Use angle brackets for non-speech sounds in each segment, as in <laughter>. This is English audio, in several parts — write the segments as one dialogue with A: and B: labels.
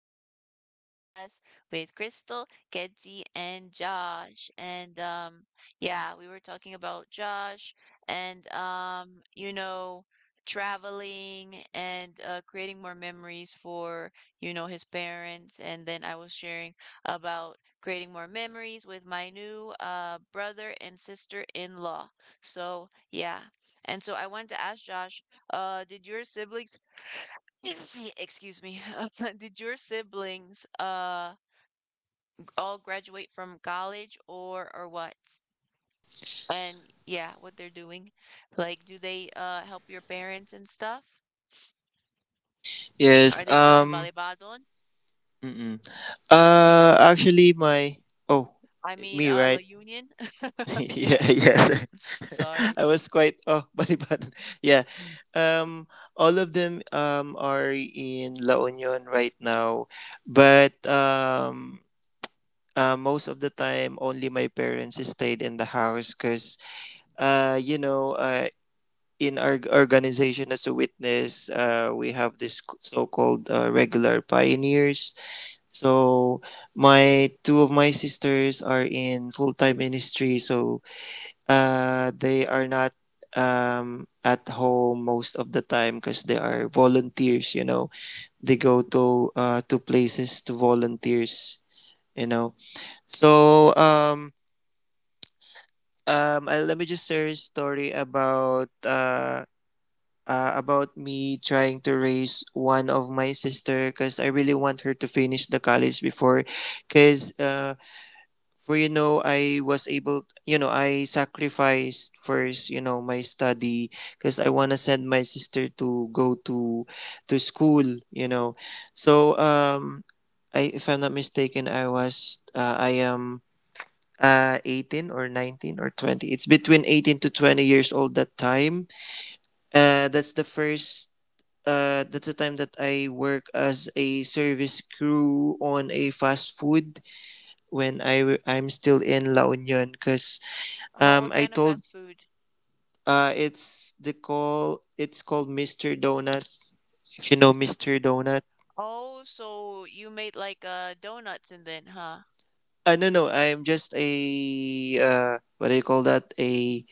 A: another podcast with Crystal, Kenzie, and Josh. And yeah, we were talking about Josh and traveling and creating more memories for, his parents, and then I was sharing about creating more memories with my new brother and sister-in-law. So, yeah. And so I wanted to ask Josh, did your siblings <coughs> Excuse me. <laughs> Did your siblings all graduate from college, or what? And yeah, what they're doing. Like, do they help your parents and stuff? Are
B: Yes.
A: they still in Balibadon?
B: Mm-mm. Actually, oh,
A: I mean,
B: me,
A: La
B: right?
A: Union?
B: <laughs>
A: <laughs>
B: Yeah.
A: Yes.
B: Yes. <laughs>
A: Sorry.
B: I was quite, oh, <laughs> balibadan. Yeah. Um. All of them are in La Union right now, but most of the time, only my parents stayed in the house because, you know, in our organization as a witness, we have this so-called regular pioneers. So my two of my sisters are in full time ministry, so they are not at home most of the time because they are volunteers. You know, they go to places to volunteers. You know, so let me just share a story about me trying to raise one of my sister because I really want her to finish the college before, because for, you know, I was able, you know, I sacrificed first, you know, my study because I want to send my sister to go to school, you know. So I, if I'm not mistaken, I was I am 18 or 19 or 20. It's between 18 to 20 years old that time. That's the first, that's the time that I work as a service crew on a fast food when I I'm still in La Union because
A: What
B: I
A: kind of
B: told,
A: fast food?
B: it's called Mr. Donut. If you know Mr. Donut.
A: Oh, so you made like donuts and then, huh?
B: No, no, I'm just a, what do you call that, a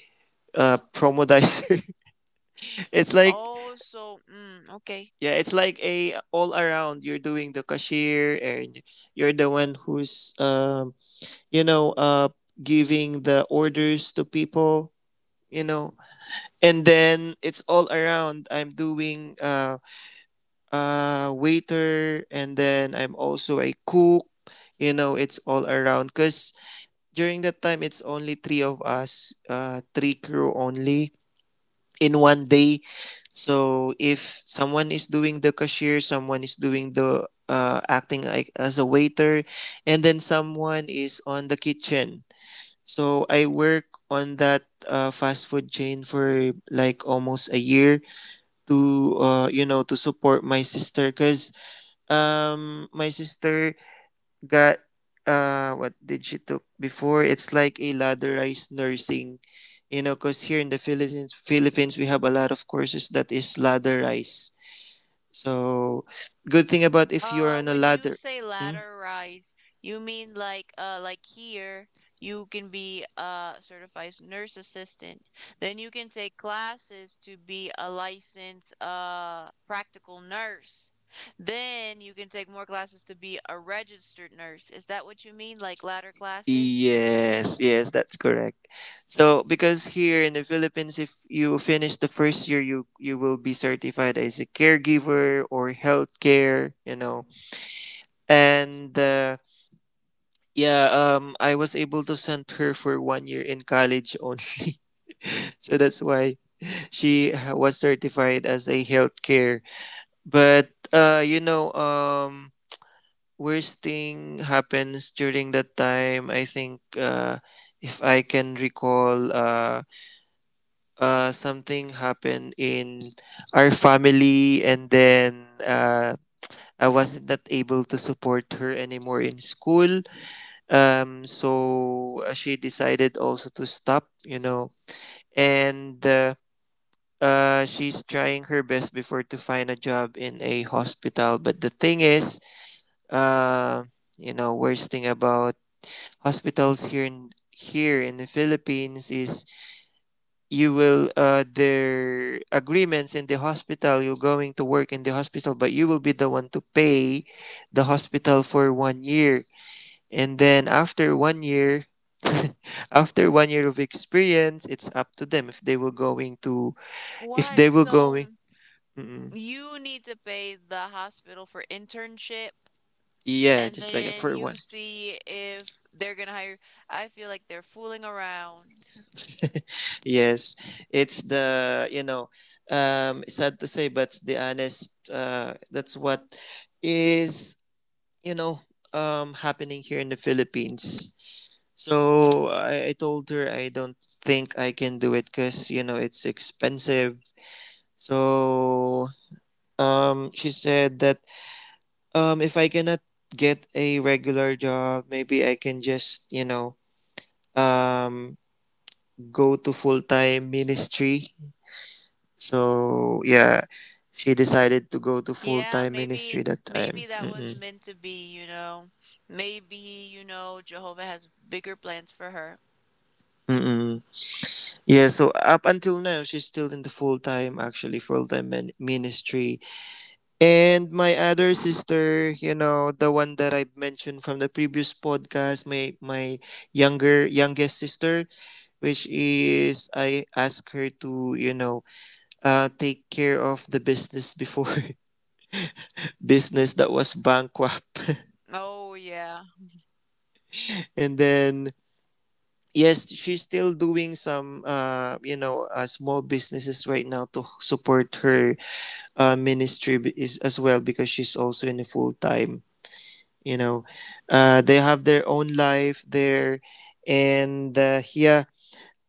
B: promodizer. <laughs> It's like,
A: Oh, so okay.
B: yeah, it's like a, all around. You're doing the cashier, and you're the one who's you know, giving the orders to people, you know. And then it's all around, I'm doing waiter, and then I'm also a cook. You know, it's all around because during that time it's only three of us, three crew only, in one day. So if someone is doing the cashier, someone is doing the, acting like as a waiter, and then someone is on the kitchen. So I work on that, fast food chain for like almost a year to, you know, to support my sister because, my sister got, what did she took before? It's like a ladderized nursing, you know, because here in the Philippines, we have a lot of courses that is ladderized. So, good thing about if you're on a
A: When you
B: ladder.
A: say
B: Hmm?
A: ladder rise, you mean like here you can be a certified nurse assistant. Then you can take classes to be a licensed practical nurse. Then you can take more classes to be a registered nurse. Is that what you mean? Like ladder classes?
B: Yes, yes, that's correct. So, because here in the Philippines, if you finish the first year, you will be certified as a caregiver or healthcare, you know. And. Yeah, I was able to send her for one year in college only. <laughs> So that's why she was certified as a healthcare. But, you know, worst thing happens during that time. I think, if I can recall, something happened in our family, and then, I wasn't that able to support her anymore in school. So she decided also to stop, you know, and she's trying her best before to find a job in a hospital. But the thing is, uh, you know, worst thing about hospitals here in the Philippines is you will, their agreements in the hospital, you're going to work in the hospital, but you will be the one to pay the hospital for one year. And then after one year, <laughs> after one year of experience, it's up to them if they were going to, if
A: What?
B: they were
A: So
B: going, mm
A: you need to pay the hospital for internship,
B: yeah,
A: and
B: just like that
A: then
B: for one.
A: you see if they're gonna hire. I feel like they're fooling around.
B: Yes, it's the, you know, sad to say, but it's the honest, that's what is, you know, happening here in the Philippines. So I told her I don't think I can do it because, you know, it's expensive. So she said that, if I cannot get a regular job, maybe I can just, you know, um, go to full time ministry. So, yeah, she decided to go to full
A: Yeah,
B: time ministry
A: maybe
B: that time.
A: that was
B: Mm-mm.
A: meant to be. Maybe, Jehovah has bigger plans for her.
B: Mm-mm. Yeah, so up until now, she's still in the full time, actually, full time ministry. And my other sister, you know, the one that I mentioned from the previous podcast, my younger, youngest sister, which is I asked her to, you know, take care of the business before. <laughs> Business that was bankrupt. <laughs>
A: Oh yeah.
B: And then, yes, she's still doing some, you know, small businesses right now to support her, ministry is, as well because she's also in a full time. You know, they have their own life there, and yeah.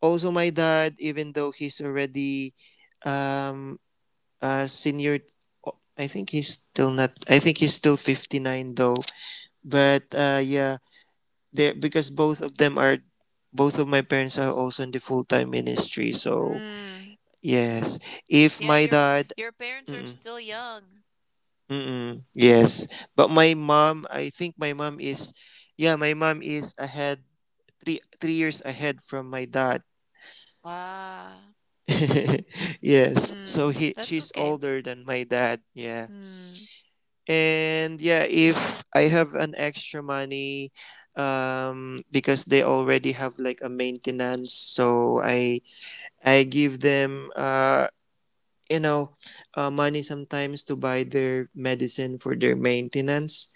B: Also, my dad, even though he's already, um senior. I think he's still not. I think he's still 59 though. But yeah, there because both of them are, both of my parents are also in the full time ministry. So
A: Mm.
B: yes, if
A: Yeah,
B: my
A: your
B: dad,
A: parents are
B: mm-mm,
A: still young.
B: mm-mm, yes, but my mom, I think my mom is, yeah, my mom is ahead three years ahead from my dad.
A: Ah.
B: <laughs> Yes, so
A: Hmm.
B: he
A: That's
B: she's
A: okay.
B: older than my dad. Yeah.
A: Hmm.
B: And yeah, if I have an extra money, because they already have like a maintenance, so I give them, you know, money sometimes to buy their medicine for their maintenance.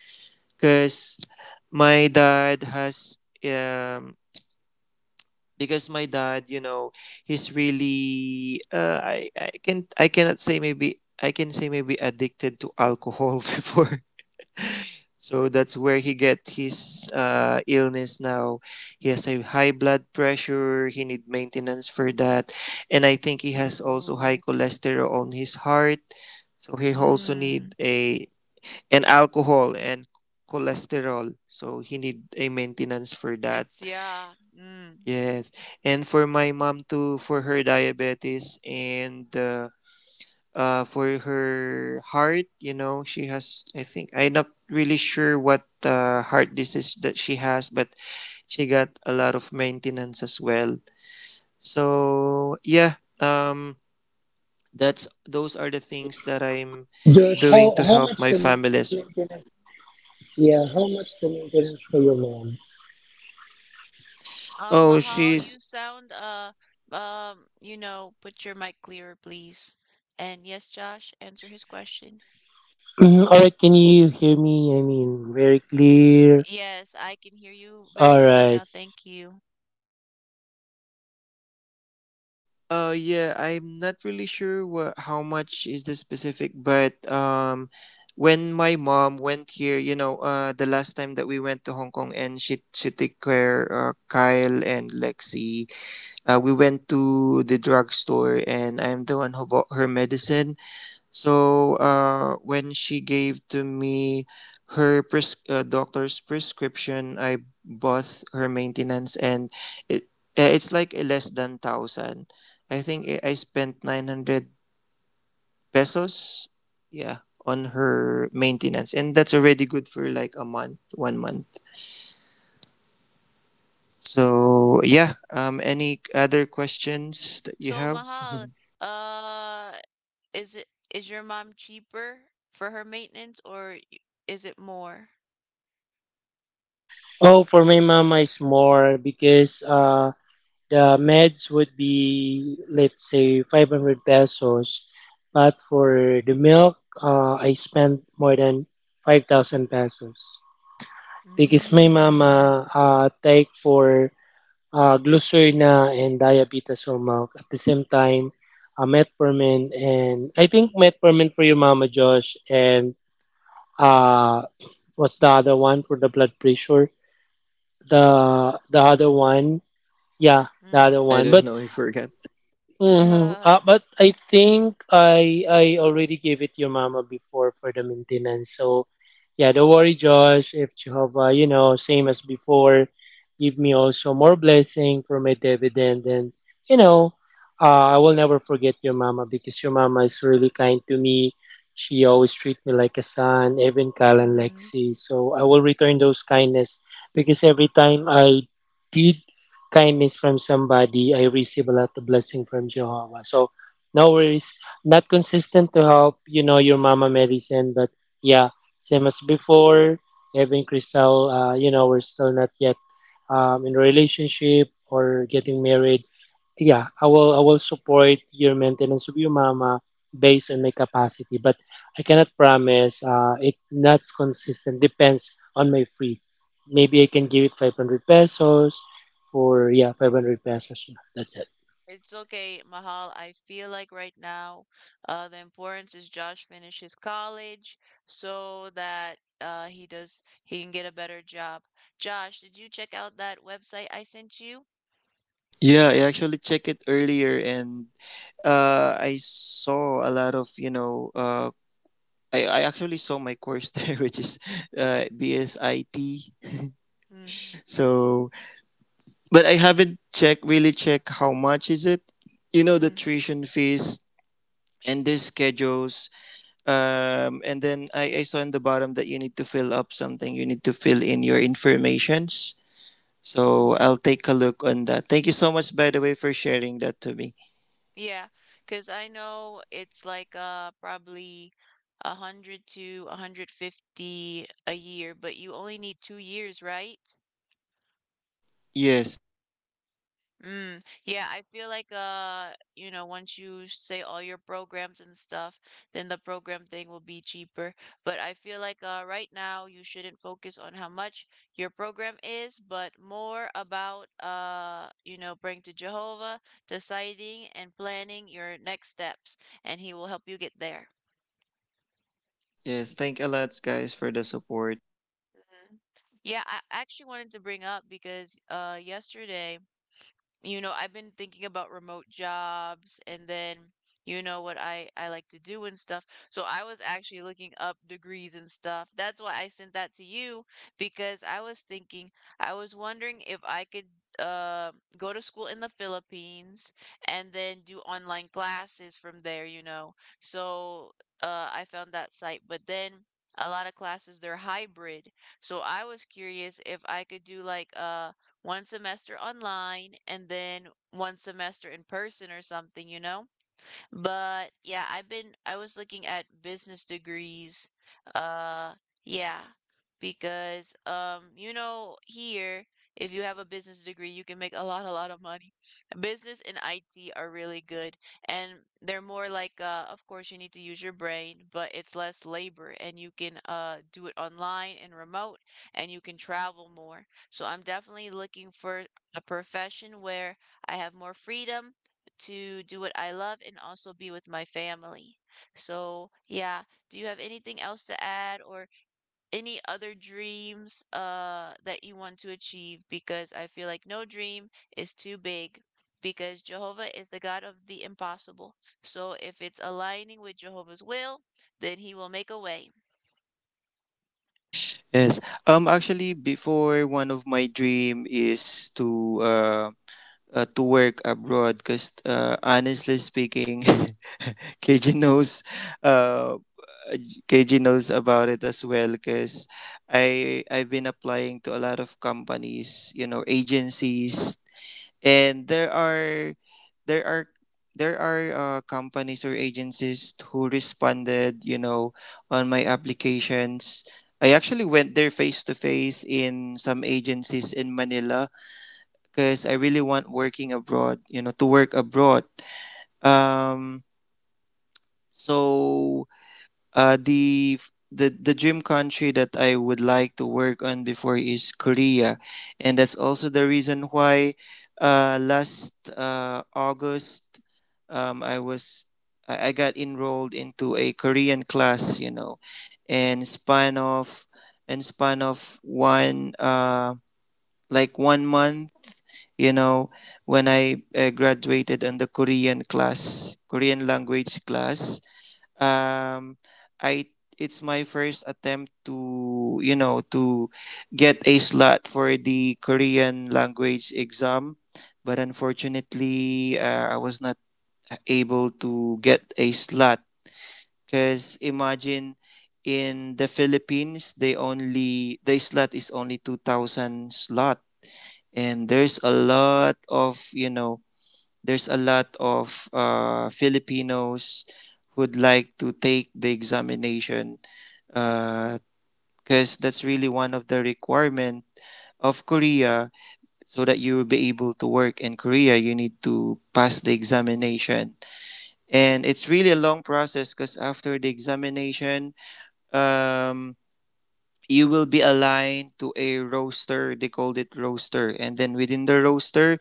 B: Cause my dad has, um because my dad, you know, he's really, I cannot say, maybe I can say, maybe addicted to alcohol <laughs> before. <laughs> So that's where he get his, illness now. He has a high blood pressure, he need maintenance for that. And I think he has also high
A: Oh.
B: cholesterol on his heart, so he also need
A: Hmm.
B: a an alcohol and cholesterol, so he need a maintenance for that.
A: It's yeah. Hmm.
B: Yes, and for my mom too, for her diabetes and, for her heart. You know, she has, I think, I'm not really sure what, heart disease that she has, but she got a lot of maintenance as well. So, yeah, um, that's those are the things that I'm doing to
C: George,
B: help my
C: how much
B: family.
C: the
B: As...
C: maintenance? Yeah, how much the maintenance for your mom?
B: Oh,
A: Mahal, you
B: she's...
A: sound put your mic clearer, please. And yes, Josh, answer his question.
C: Mm, all right, can you hear me? I mean, very clear.
A: Yes, I can hear you very
C: All
A: clear
C: right.
A: now. Thank you.
B: Yeah, I'm not really sure what how much is the specific, but when my mom went here, you know, the last time that we went to Hong Kong, and she took care, Kyle and Lexi. We went to the drugstore, and I'm the one who bought her medicine. So when she gave to me her doctor's prescription, I bought her maintenance, and it it's like a less than thousand. I think I spent 900 pesos, yeah, on her maintenance, and that's already good for like a month, one month. So yeah, any other questions that you
A: So,
B: have? <laughs>
A: Mahal, uh, is it is your mom cheaper for her maintenance, or is it more?
C: Oh, for my mama, it's more because the meds would be, let's say, 500 pesos, but for the milk, I spent more than 5,000 pesos because my
A: Mm.
C: mama take for glucerna and diabetes or milk at the same time, metformin. And I think metformin for your mama, Josh, and uh what's the other one for the blood pressure, the other one? Yeah, the other
A: Mm.
B: I
C: one,
B: don't
C: but
B: know. I forgot.
C: hmm.
A: <laughs>
C: But I think I already gave it your mama before for the maintenance. So yeah, don't worry, Josh. If Jehovah, you know, same as before, give me also more blessing for my dividend, and you know, I will never forget your mama because your mama is really kind to me. She always treat me like a son, even Cal and
A: Uh,
C: Lexi. So I will return those kindness, because every time I did kindness from somebody, I receive a lot of blessing from Jehovah. So no worries. Not consistent to help, you know, your mama medicine, but yeah, same as before. Even Crystal, you know, we're still not yet in a relationship or getting married. Yeah, I will support your maintenance of your mama based on my capacity, but I cannot promise. It not consistent, depends on my free. Maybe I can give it 500 pesos for, yeah, 500 pesos. Yeah, that's it.
A: It's okay, Mahal. I feel like right now, the importance is Josh finishes college so that he can get a better job. Josh, did you check out that website I sent you?
B: Yeah, I actually checked it earlier, and I saw a lot of you know. I actually saw my course <laughs> there, which is, BSIT.
A: Mm,
B: So, but I haven't check really check how much is it. You know, the
A: mm.
B: tuition fees and the schedules. And then I saw in the bottom that you need to fill up something. You need to fill in your informations. So
A: Mm-hmm.
B: I'll take a look on that. Thank you so much, by the way, for sharing that to me.
A: Yeah, because I know it's like probably 100 to 150 a year, but you only need 2 years, right?
B: Yes.
A: Mm, yeah, I feel like once you say all your programs and stuff, then the program thing will be cheaper. But I feel like right now you shouldn't focus on how much your program is, but more about praying to Jehovah, deciding and planning your next steps, and he will help you get there.
B: Yes, thank a lot, guys, for the support.
A: Mhm. Yeah, I actually wanted to bring up because yesterday I've been thinking about remote jobs, and then, what I like to do and stuff. So I was actually looking up degrees and stuff. That's why I sent that to you because I was thinking, I was wondering if I could uh go to school in the Philippines and then do online classes from there. So I found that site, but then a lot of classes they're hybrid. So I was curious if I could do like 1 semester online and then 1 semester in person or something? But yeah, I was looking at business degrees. Uh yeah, because here, if you have a business degree, you can make a lot of money. Business and IT are really good, and they're more like of course you need to use your brain, but it's less labor, and you can do it online and remote, and you can travel more. So I'm definitely looking for a profession where I have more freedom to do what I love and also be with my family. So, yeah, do you have anything else to add or any other dreams that you want to achieve? Because I feel like no dream is too big because Jehovah is the God of the impossible. So, if it's aligning with Jehovah's will, then he will make a way.
B: Yes, actually, before, one of my dream is to work abroad, cause honestly speaking, <laughs> KG knows, uh, KG knows about it as well, cause I've been applying to a lot of companies, you know, agencies. And there are there are, companies or agencies who responded, you know, on my applications. I actually went there face to face in some agencies in Manila because I really want working abroad, you know, to work abroad. um so, the f- the dream country that I would like to work on before is Korea, and that's also the reason why, last, August, um, I was I got enrolled into a Korean class, you know. and span of and span of one, like one month, you know, when I, graduated on the Korean class, Korean language class. Um, I it's my first attempt to, you know, to get a slot for the Korean language exam, but unfortunately, I was not able to get a slot because imagine, in the Philippines, they only, the slot is only 2000 slot, and there's a lot of you know, there's a lot of, Filipinos who'd like to take the examination because, that's really one of the requirement of Korea. So that you will be able to work in Korea, you need to pass the examination, and it's really a long process because after the examination, um, you will be aligned to a roster. They called it roster, and then within the roster,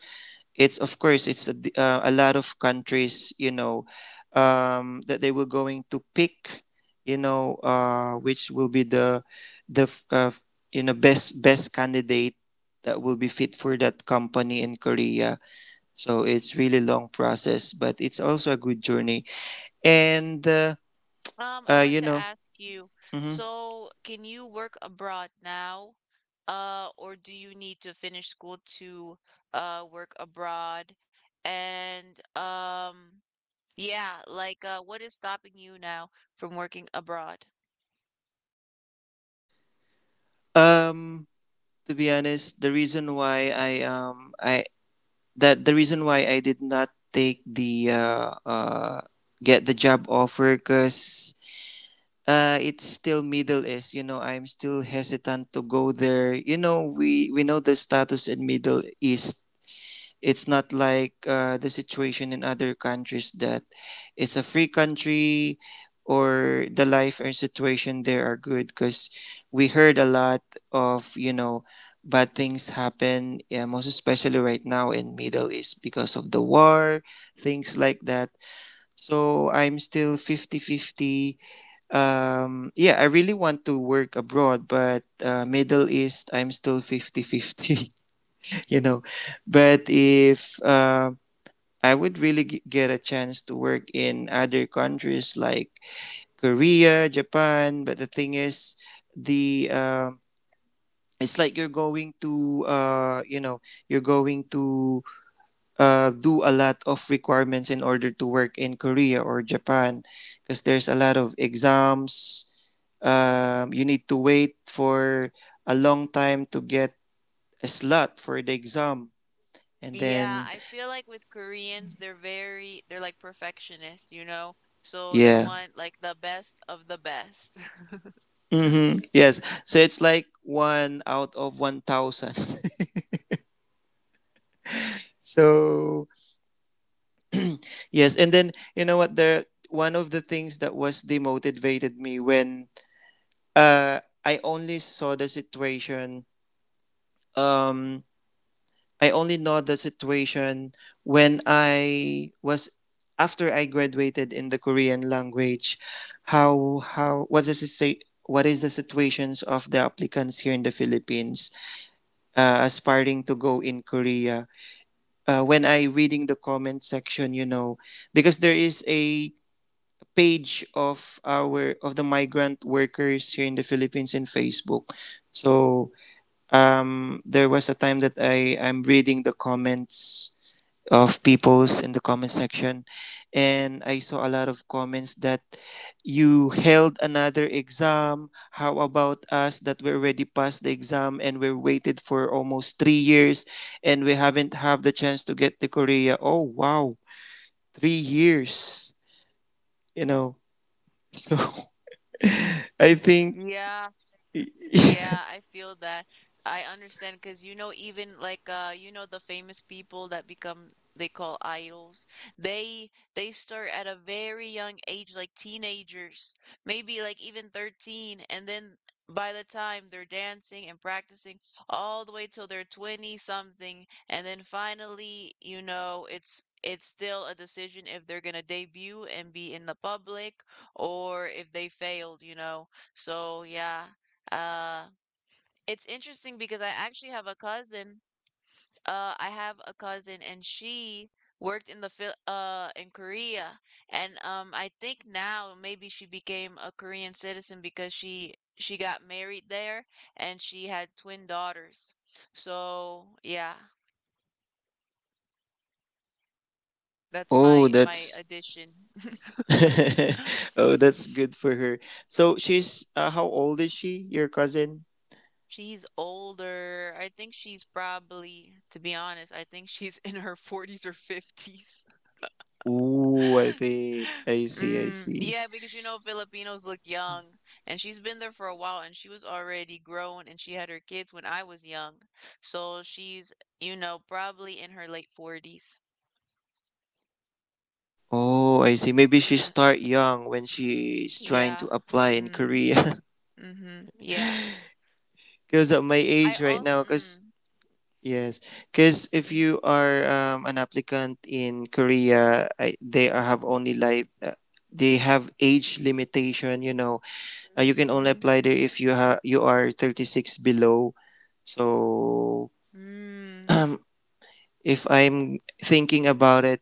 B: it's of course it's a lot of countries, that they were going to pick, which will be the the f- uh, f- best candidate that will be fit for that company in Korea. So it's really long process, but it's also a good journey. And
A: I want
B: you
A: to
B: know
A: ask you,
B: mhm.
A: so can you work abroad now? Or do you need to finish school to work abroad? And yeah, like what is stopping you now from working abroad?
B: um to be honest, the reason why I that the reason why I did not take the get the job offer because it's still Middle East. You know, I'm still hesitant to go there. You know, we know the status in Middle East. It's not like the situation in other countries, that it's a free country or the life and situation there are good, because we heard a lot of, bad things happen, yeah, most especially right now in Middle East because of the war, things like that. So I'm still 50 50. Yeah, I really want to work abroad, but Middle East, I'm still 50 50. <laughs> you know but if I would really get a chance to work in other countries like Korea, Japan. But the thing is, the it's like you're going to you're going to do a lot of requirements in order to work in Korea or Japan, because there's a lot of exams. You need to wait for a long time to get a slot for the exam, and
A: Yeah,
B: then
A: I feel like with Koreans, they're very they're like perfectionists? So they
B: yeah.
A: want like the best of the best.
B: Mm-hmm.
A: <laughs>
B: Yes. So it's like one out of 1,000. <laughs> So, yes. And then, you know what? The One of the things that was demotivated me when I only saw the situation, um, I only know the situation when I was after I graduated in the Korean language. How what does it say? What is the situations of the applicants here in the Philippines aspiring to go in Korea? When I reading the comment section, because there is a page of our of the migrant workers here in the Philippines in Facebook. So there was a time that I am reading the comments of people's in the comment section, and I saw a lot of comments that you held another exam. How about us that we already passed the exam and we waited for almost 3 years, and we haven't have the chance to get to Korea. Oh wow, 3 years, you know. So <laughs> I think
A: Yeah. Mm, yeah, I feel that. I understand because even like the famous people that become they call idols. They start at a very young age, like teenagers, maybe like even 13, and then by the time they're dancing and practicing all the way till they're 20 something, and then finally, it's still a decision if they're gonna debut and be in the public, or if they failed. So yeah, uh, it's interesting because I actually have a cousin. I have a cousin, and she worked in the Phil in Korea, and I think now maybe she became a Korean citizen because she got married there, and she had twin daughters. So yeah, that's
B: oh
A: my
B: that's
A: addition.
B: <laughs>
A: <laughs>
B: oh that's good for her. So she's how old is she, your cousin?
A: She's older. I think she's probably, to be honest, I think she's in her 40s or 50s.
B: Ooh, I think I see, I
A: Mm,
B: see.
A: yeah, because Filipinos look young, and she's been there for a while, and she was already grown, and she had her kids when I was young. So she's, probably in her late 40s.
B: Oh, I see. Maybe she
A: Mm,
B: start young when she's trying
A: yeah.
B: to apply in
A: Mm,
B: Korea.
A: mm-hmm. Yeah.
B: <laughs> Because at my
A: I
B: age right
A: also,
B: now, because
A: mm,
B: yes, because if
A: mm,
B: you are an applicant in Korea, have only like they have age limitation. You know,
A: mm,
B: you can only
A: mm-hmm.
B: apply there if you are 36 below. So <clears throat>
A: Mm,
B: um, if I'm thinking about it,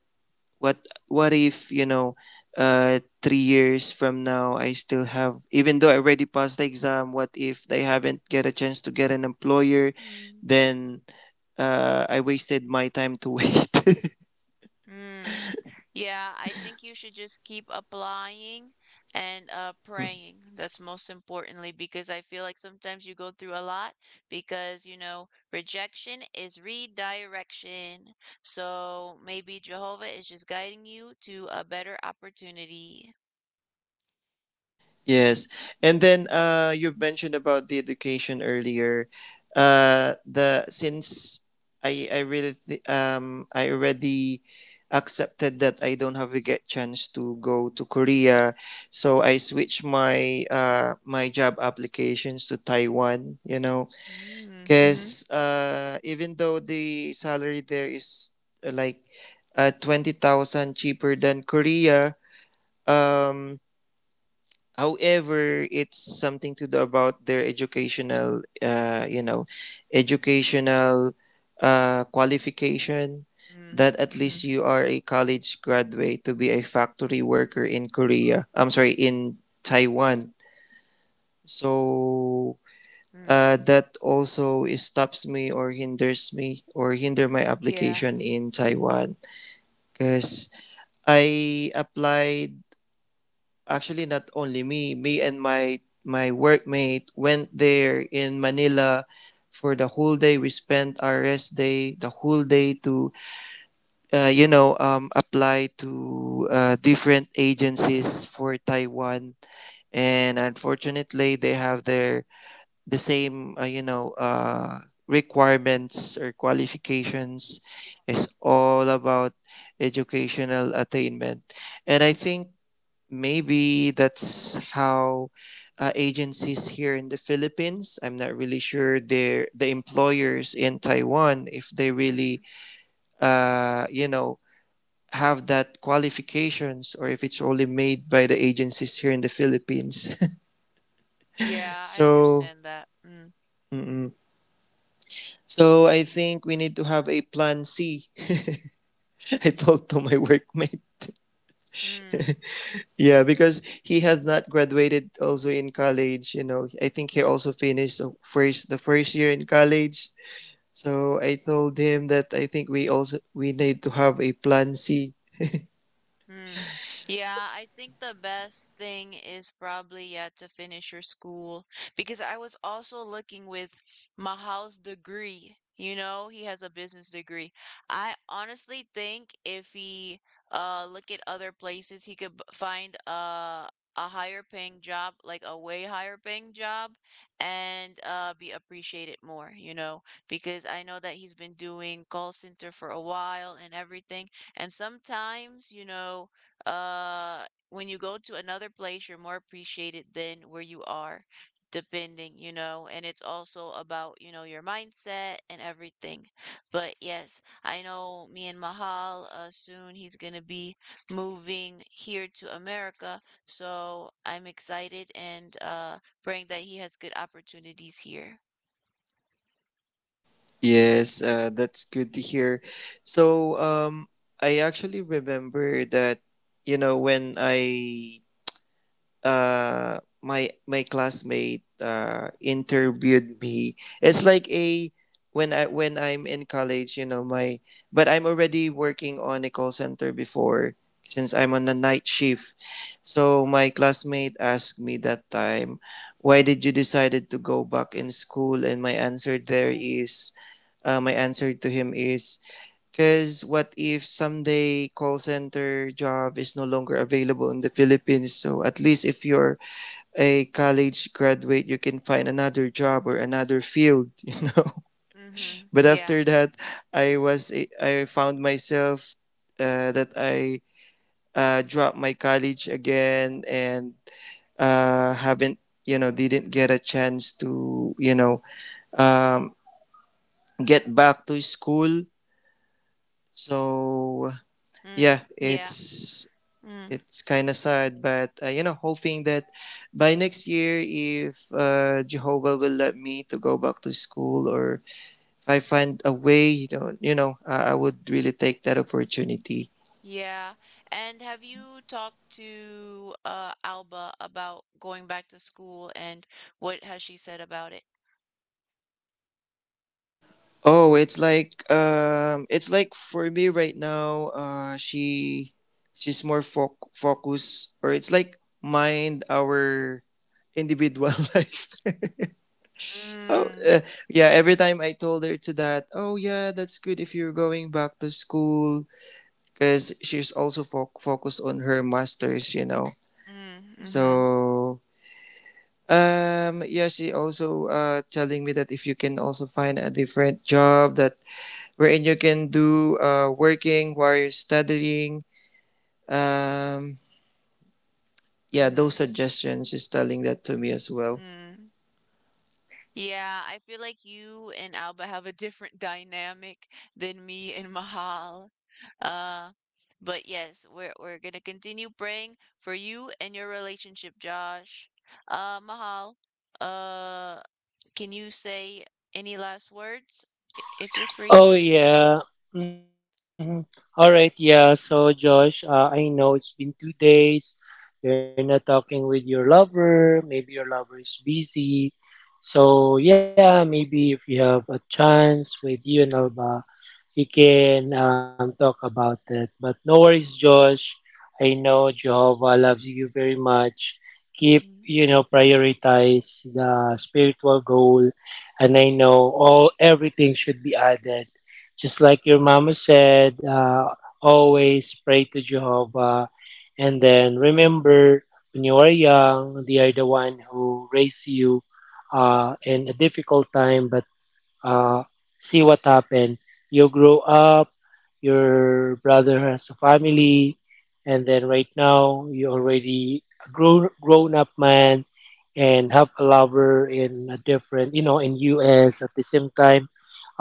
B: what what if, 3 years from now, I still have, even though I already passed the exam, what if they haven't get a chance to get an employer?
A: mm,
B: Then I wasted my time to wait. <laughs>
A: mm. Yeah, I think you should just keep applying and praying. That's most importantly because I feel like sometimes you go through a lot because, rejection is redirection. So maybe Jehovah is just guiding you to a better opportunity.
B: Yes. And then you mentioned about the education earlier. The since I really I already accepted that I don't have a get chance to go to Korea, so I switched my my job applications to Taiwan, you know,
A: Mm, mm-hmm,
B: cuz even though the salary there is uh, like 20,000 cheaper than Korea. um However, it's something to do about their educational, educational qualification.
A: mm,
B: That at
A: mm-hmm,
B: least you are a college graduate to be a factory worker in Korea. I'm sorry, in Taiwan. So
A: mm.
B: that also stops me or hinders me or hinder my
A: Yeah.
B: application in Taiwan because I applied. Actually, not only me, me and my workmate went there in Manila for the whole day. We spent our rest day, the whole day to, apply to different agencies for Taiwan. And unfortunately, they have their the same, requirements or qualifications. It's all about educational attainment. And I think maybe that's how agencies here in the Philippines. I'm not really sure their the employers in Taiwan if they really
A: Mm.
B: uh, you know have that qualifications, or if it's only made by the agencies here in the Philippines. <laughs>
A: Yeah, I
B: So
A: understand that. Mm.
B: mm-mm. So I think we need to have a plan C. <laughs> I told to my workmate.
A: Mm.
B: Yeah, because he has not graduated also in college. You know, I think he also finished the first year in college. So I told him that I think we also we need to have a plan C.
A: Hmm. Yeah, I think the best thing is probably yet to finish your school because I was also looking with Mahal's degree. He has a business degree. I honestly think if he look at other places, he could find a higher paying job, like a way higher paying job, and be appreciated more, because I know that he's been doing call center for a while and everything, and sometimes, uh, when you go to another place, you're more appreciated than where you are, depending, and it's also about, your mindset and everything. But yes, I know me and Mahal, soon he's gonna be moving here to America, so I'm excited and praying that he has good opportunities here.
B: Yes, that's good to hear. So I actually remember that, you know, when I my my classmate interviewed me, it's like a when I'm in college, you know, my but I'm already working on a call center before, since I'm on a night shift. So my classmate asked me that time, why did you decided to go back in school? And my answer there is my answer to him is, because what if someday call center job is no longer available in the Philippines? So at least if you're a college graduate, you can find another job or another field, <laughs> you know.
A: Mm-hmm.
B: But
A: Yeah.
B: after that, I was I found myself that I dropped my college again, and haven't, didn't get a chance to, um, get back to school. So
A: Mm.
B: yeah,
A: Yeah.
B: it's
A: Mm.
B: It's kind of sad, but you know, hoping that by next year, if Jehovah will let me to go back to school, or if I find a way, you know, I would really take that opportunity.
A: Yeah. And have you talked to Alba about going back to school, and what has she said about it?
B: Oh, it's like for me right now. She she's more focused, or it's like mind our individual <laughs> life. Oh,
A: Mm,
B: yeah. Every time I told her to that, oh yeah, that's good if you're going back to school, because she's also focused on her masters, you know.
A: mm, mm-hmm,
B: So yeah, she also telling me that if you can also find a different job that wherein you can do working while you're studying. um yeah, those
A: mm-hmm,
B: suggestions she's telling that to me as well.
A: mm. Yeah, I feel like you and Alba have a different dynamic than me and Mahal. Uh, but yes, we're gonna continue praying for you and your relationship, Josh. Mahal, uh, can you say any last words if you're free?
C: Oh yeah. Mm-hmm. All right. Yeah, so Josh, I know it's been two days you're not talking with your lover. Maybe your lover is busy. So yeah, maybe if you have a chance with you and Alba, we can talk about it. But no worries, Josh. I know Jehovah loves you very much. Keep,
A: Mhm.
C: you know, prioritize the spiritual goal. And I know all everything should be added. Just like your mama said, always pray to Jehovah. And then remember, when you are young, they are the one who raise you in a difficult time, but uh, see what happened. You grow up, your brother has a family, and then right now you're already a grown grown up man and have a lover in a different, you know, in US at the same time.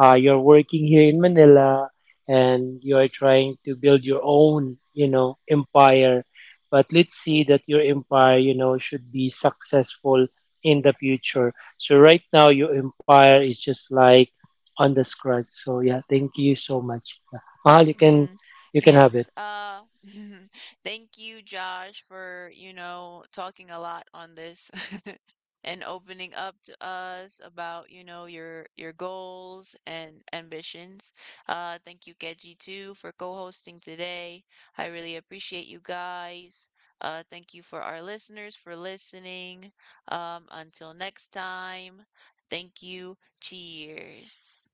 C: You're working here in Manila and you're trying to build your own, you know, empire. But let's see that your empire, you know, should be successful in the future. So right now your empire is just like on the scratch. So yeah, thank you so much. Yeah. Mahal,
A: Mm,
C: you can have
A: yes.
C: it.
A: <laughs> Thank you, Josh, for, talking a lot on this <laughs> and opening up to us about, your goals and ambitions. Thank you, Keji, too, for co-hosting today. I really appreciate you guys. Thank you for our listeners for listening. Until next time, thank you. Cheers.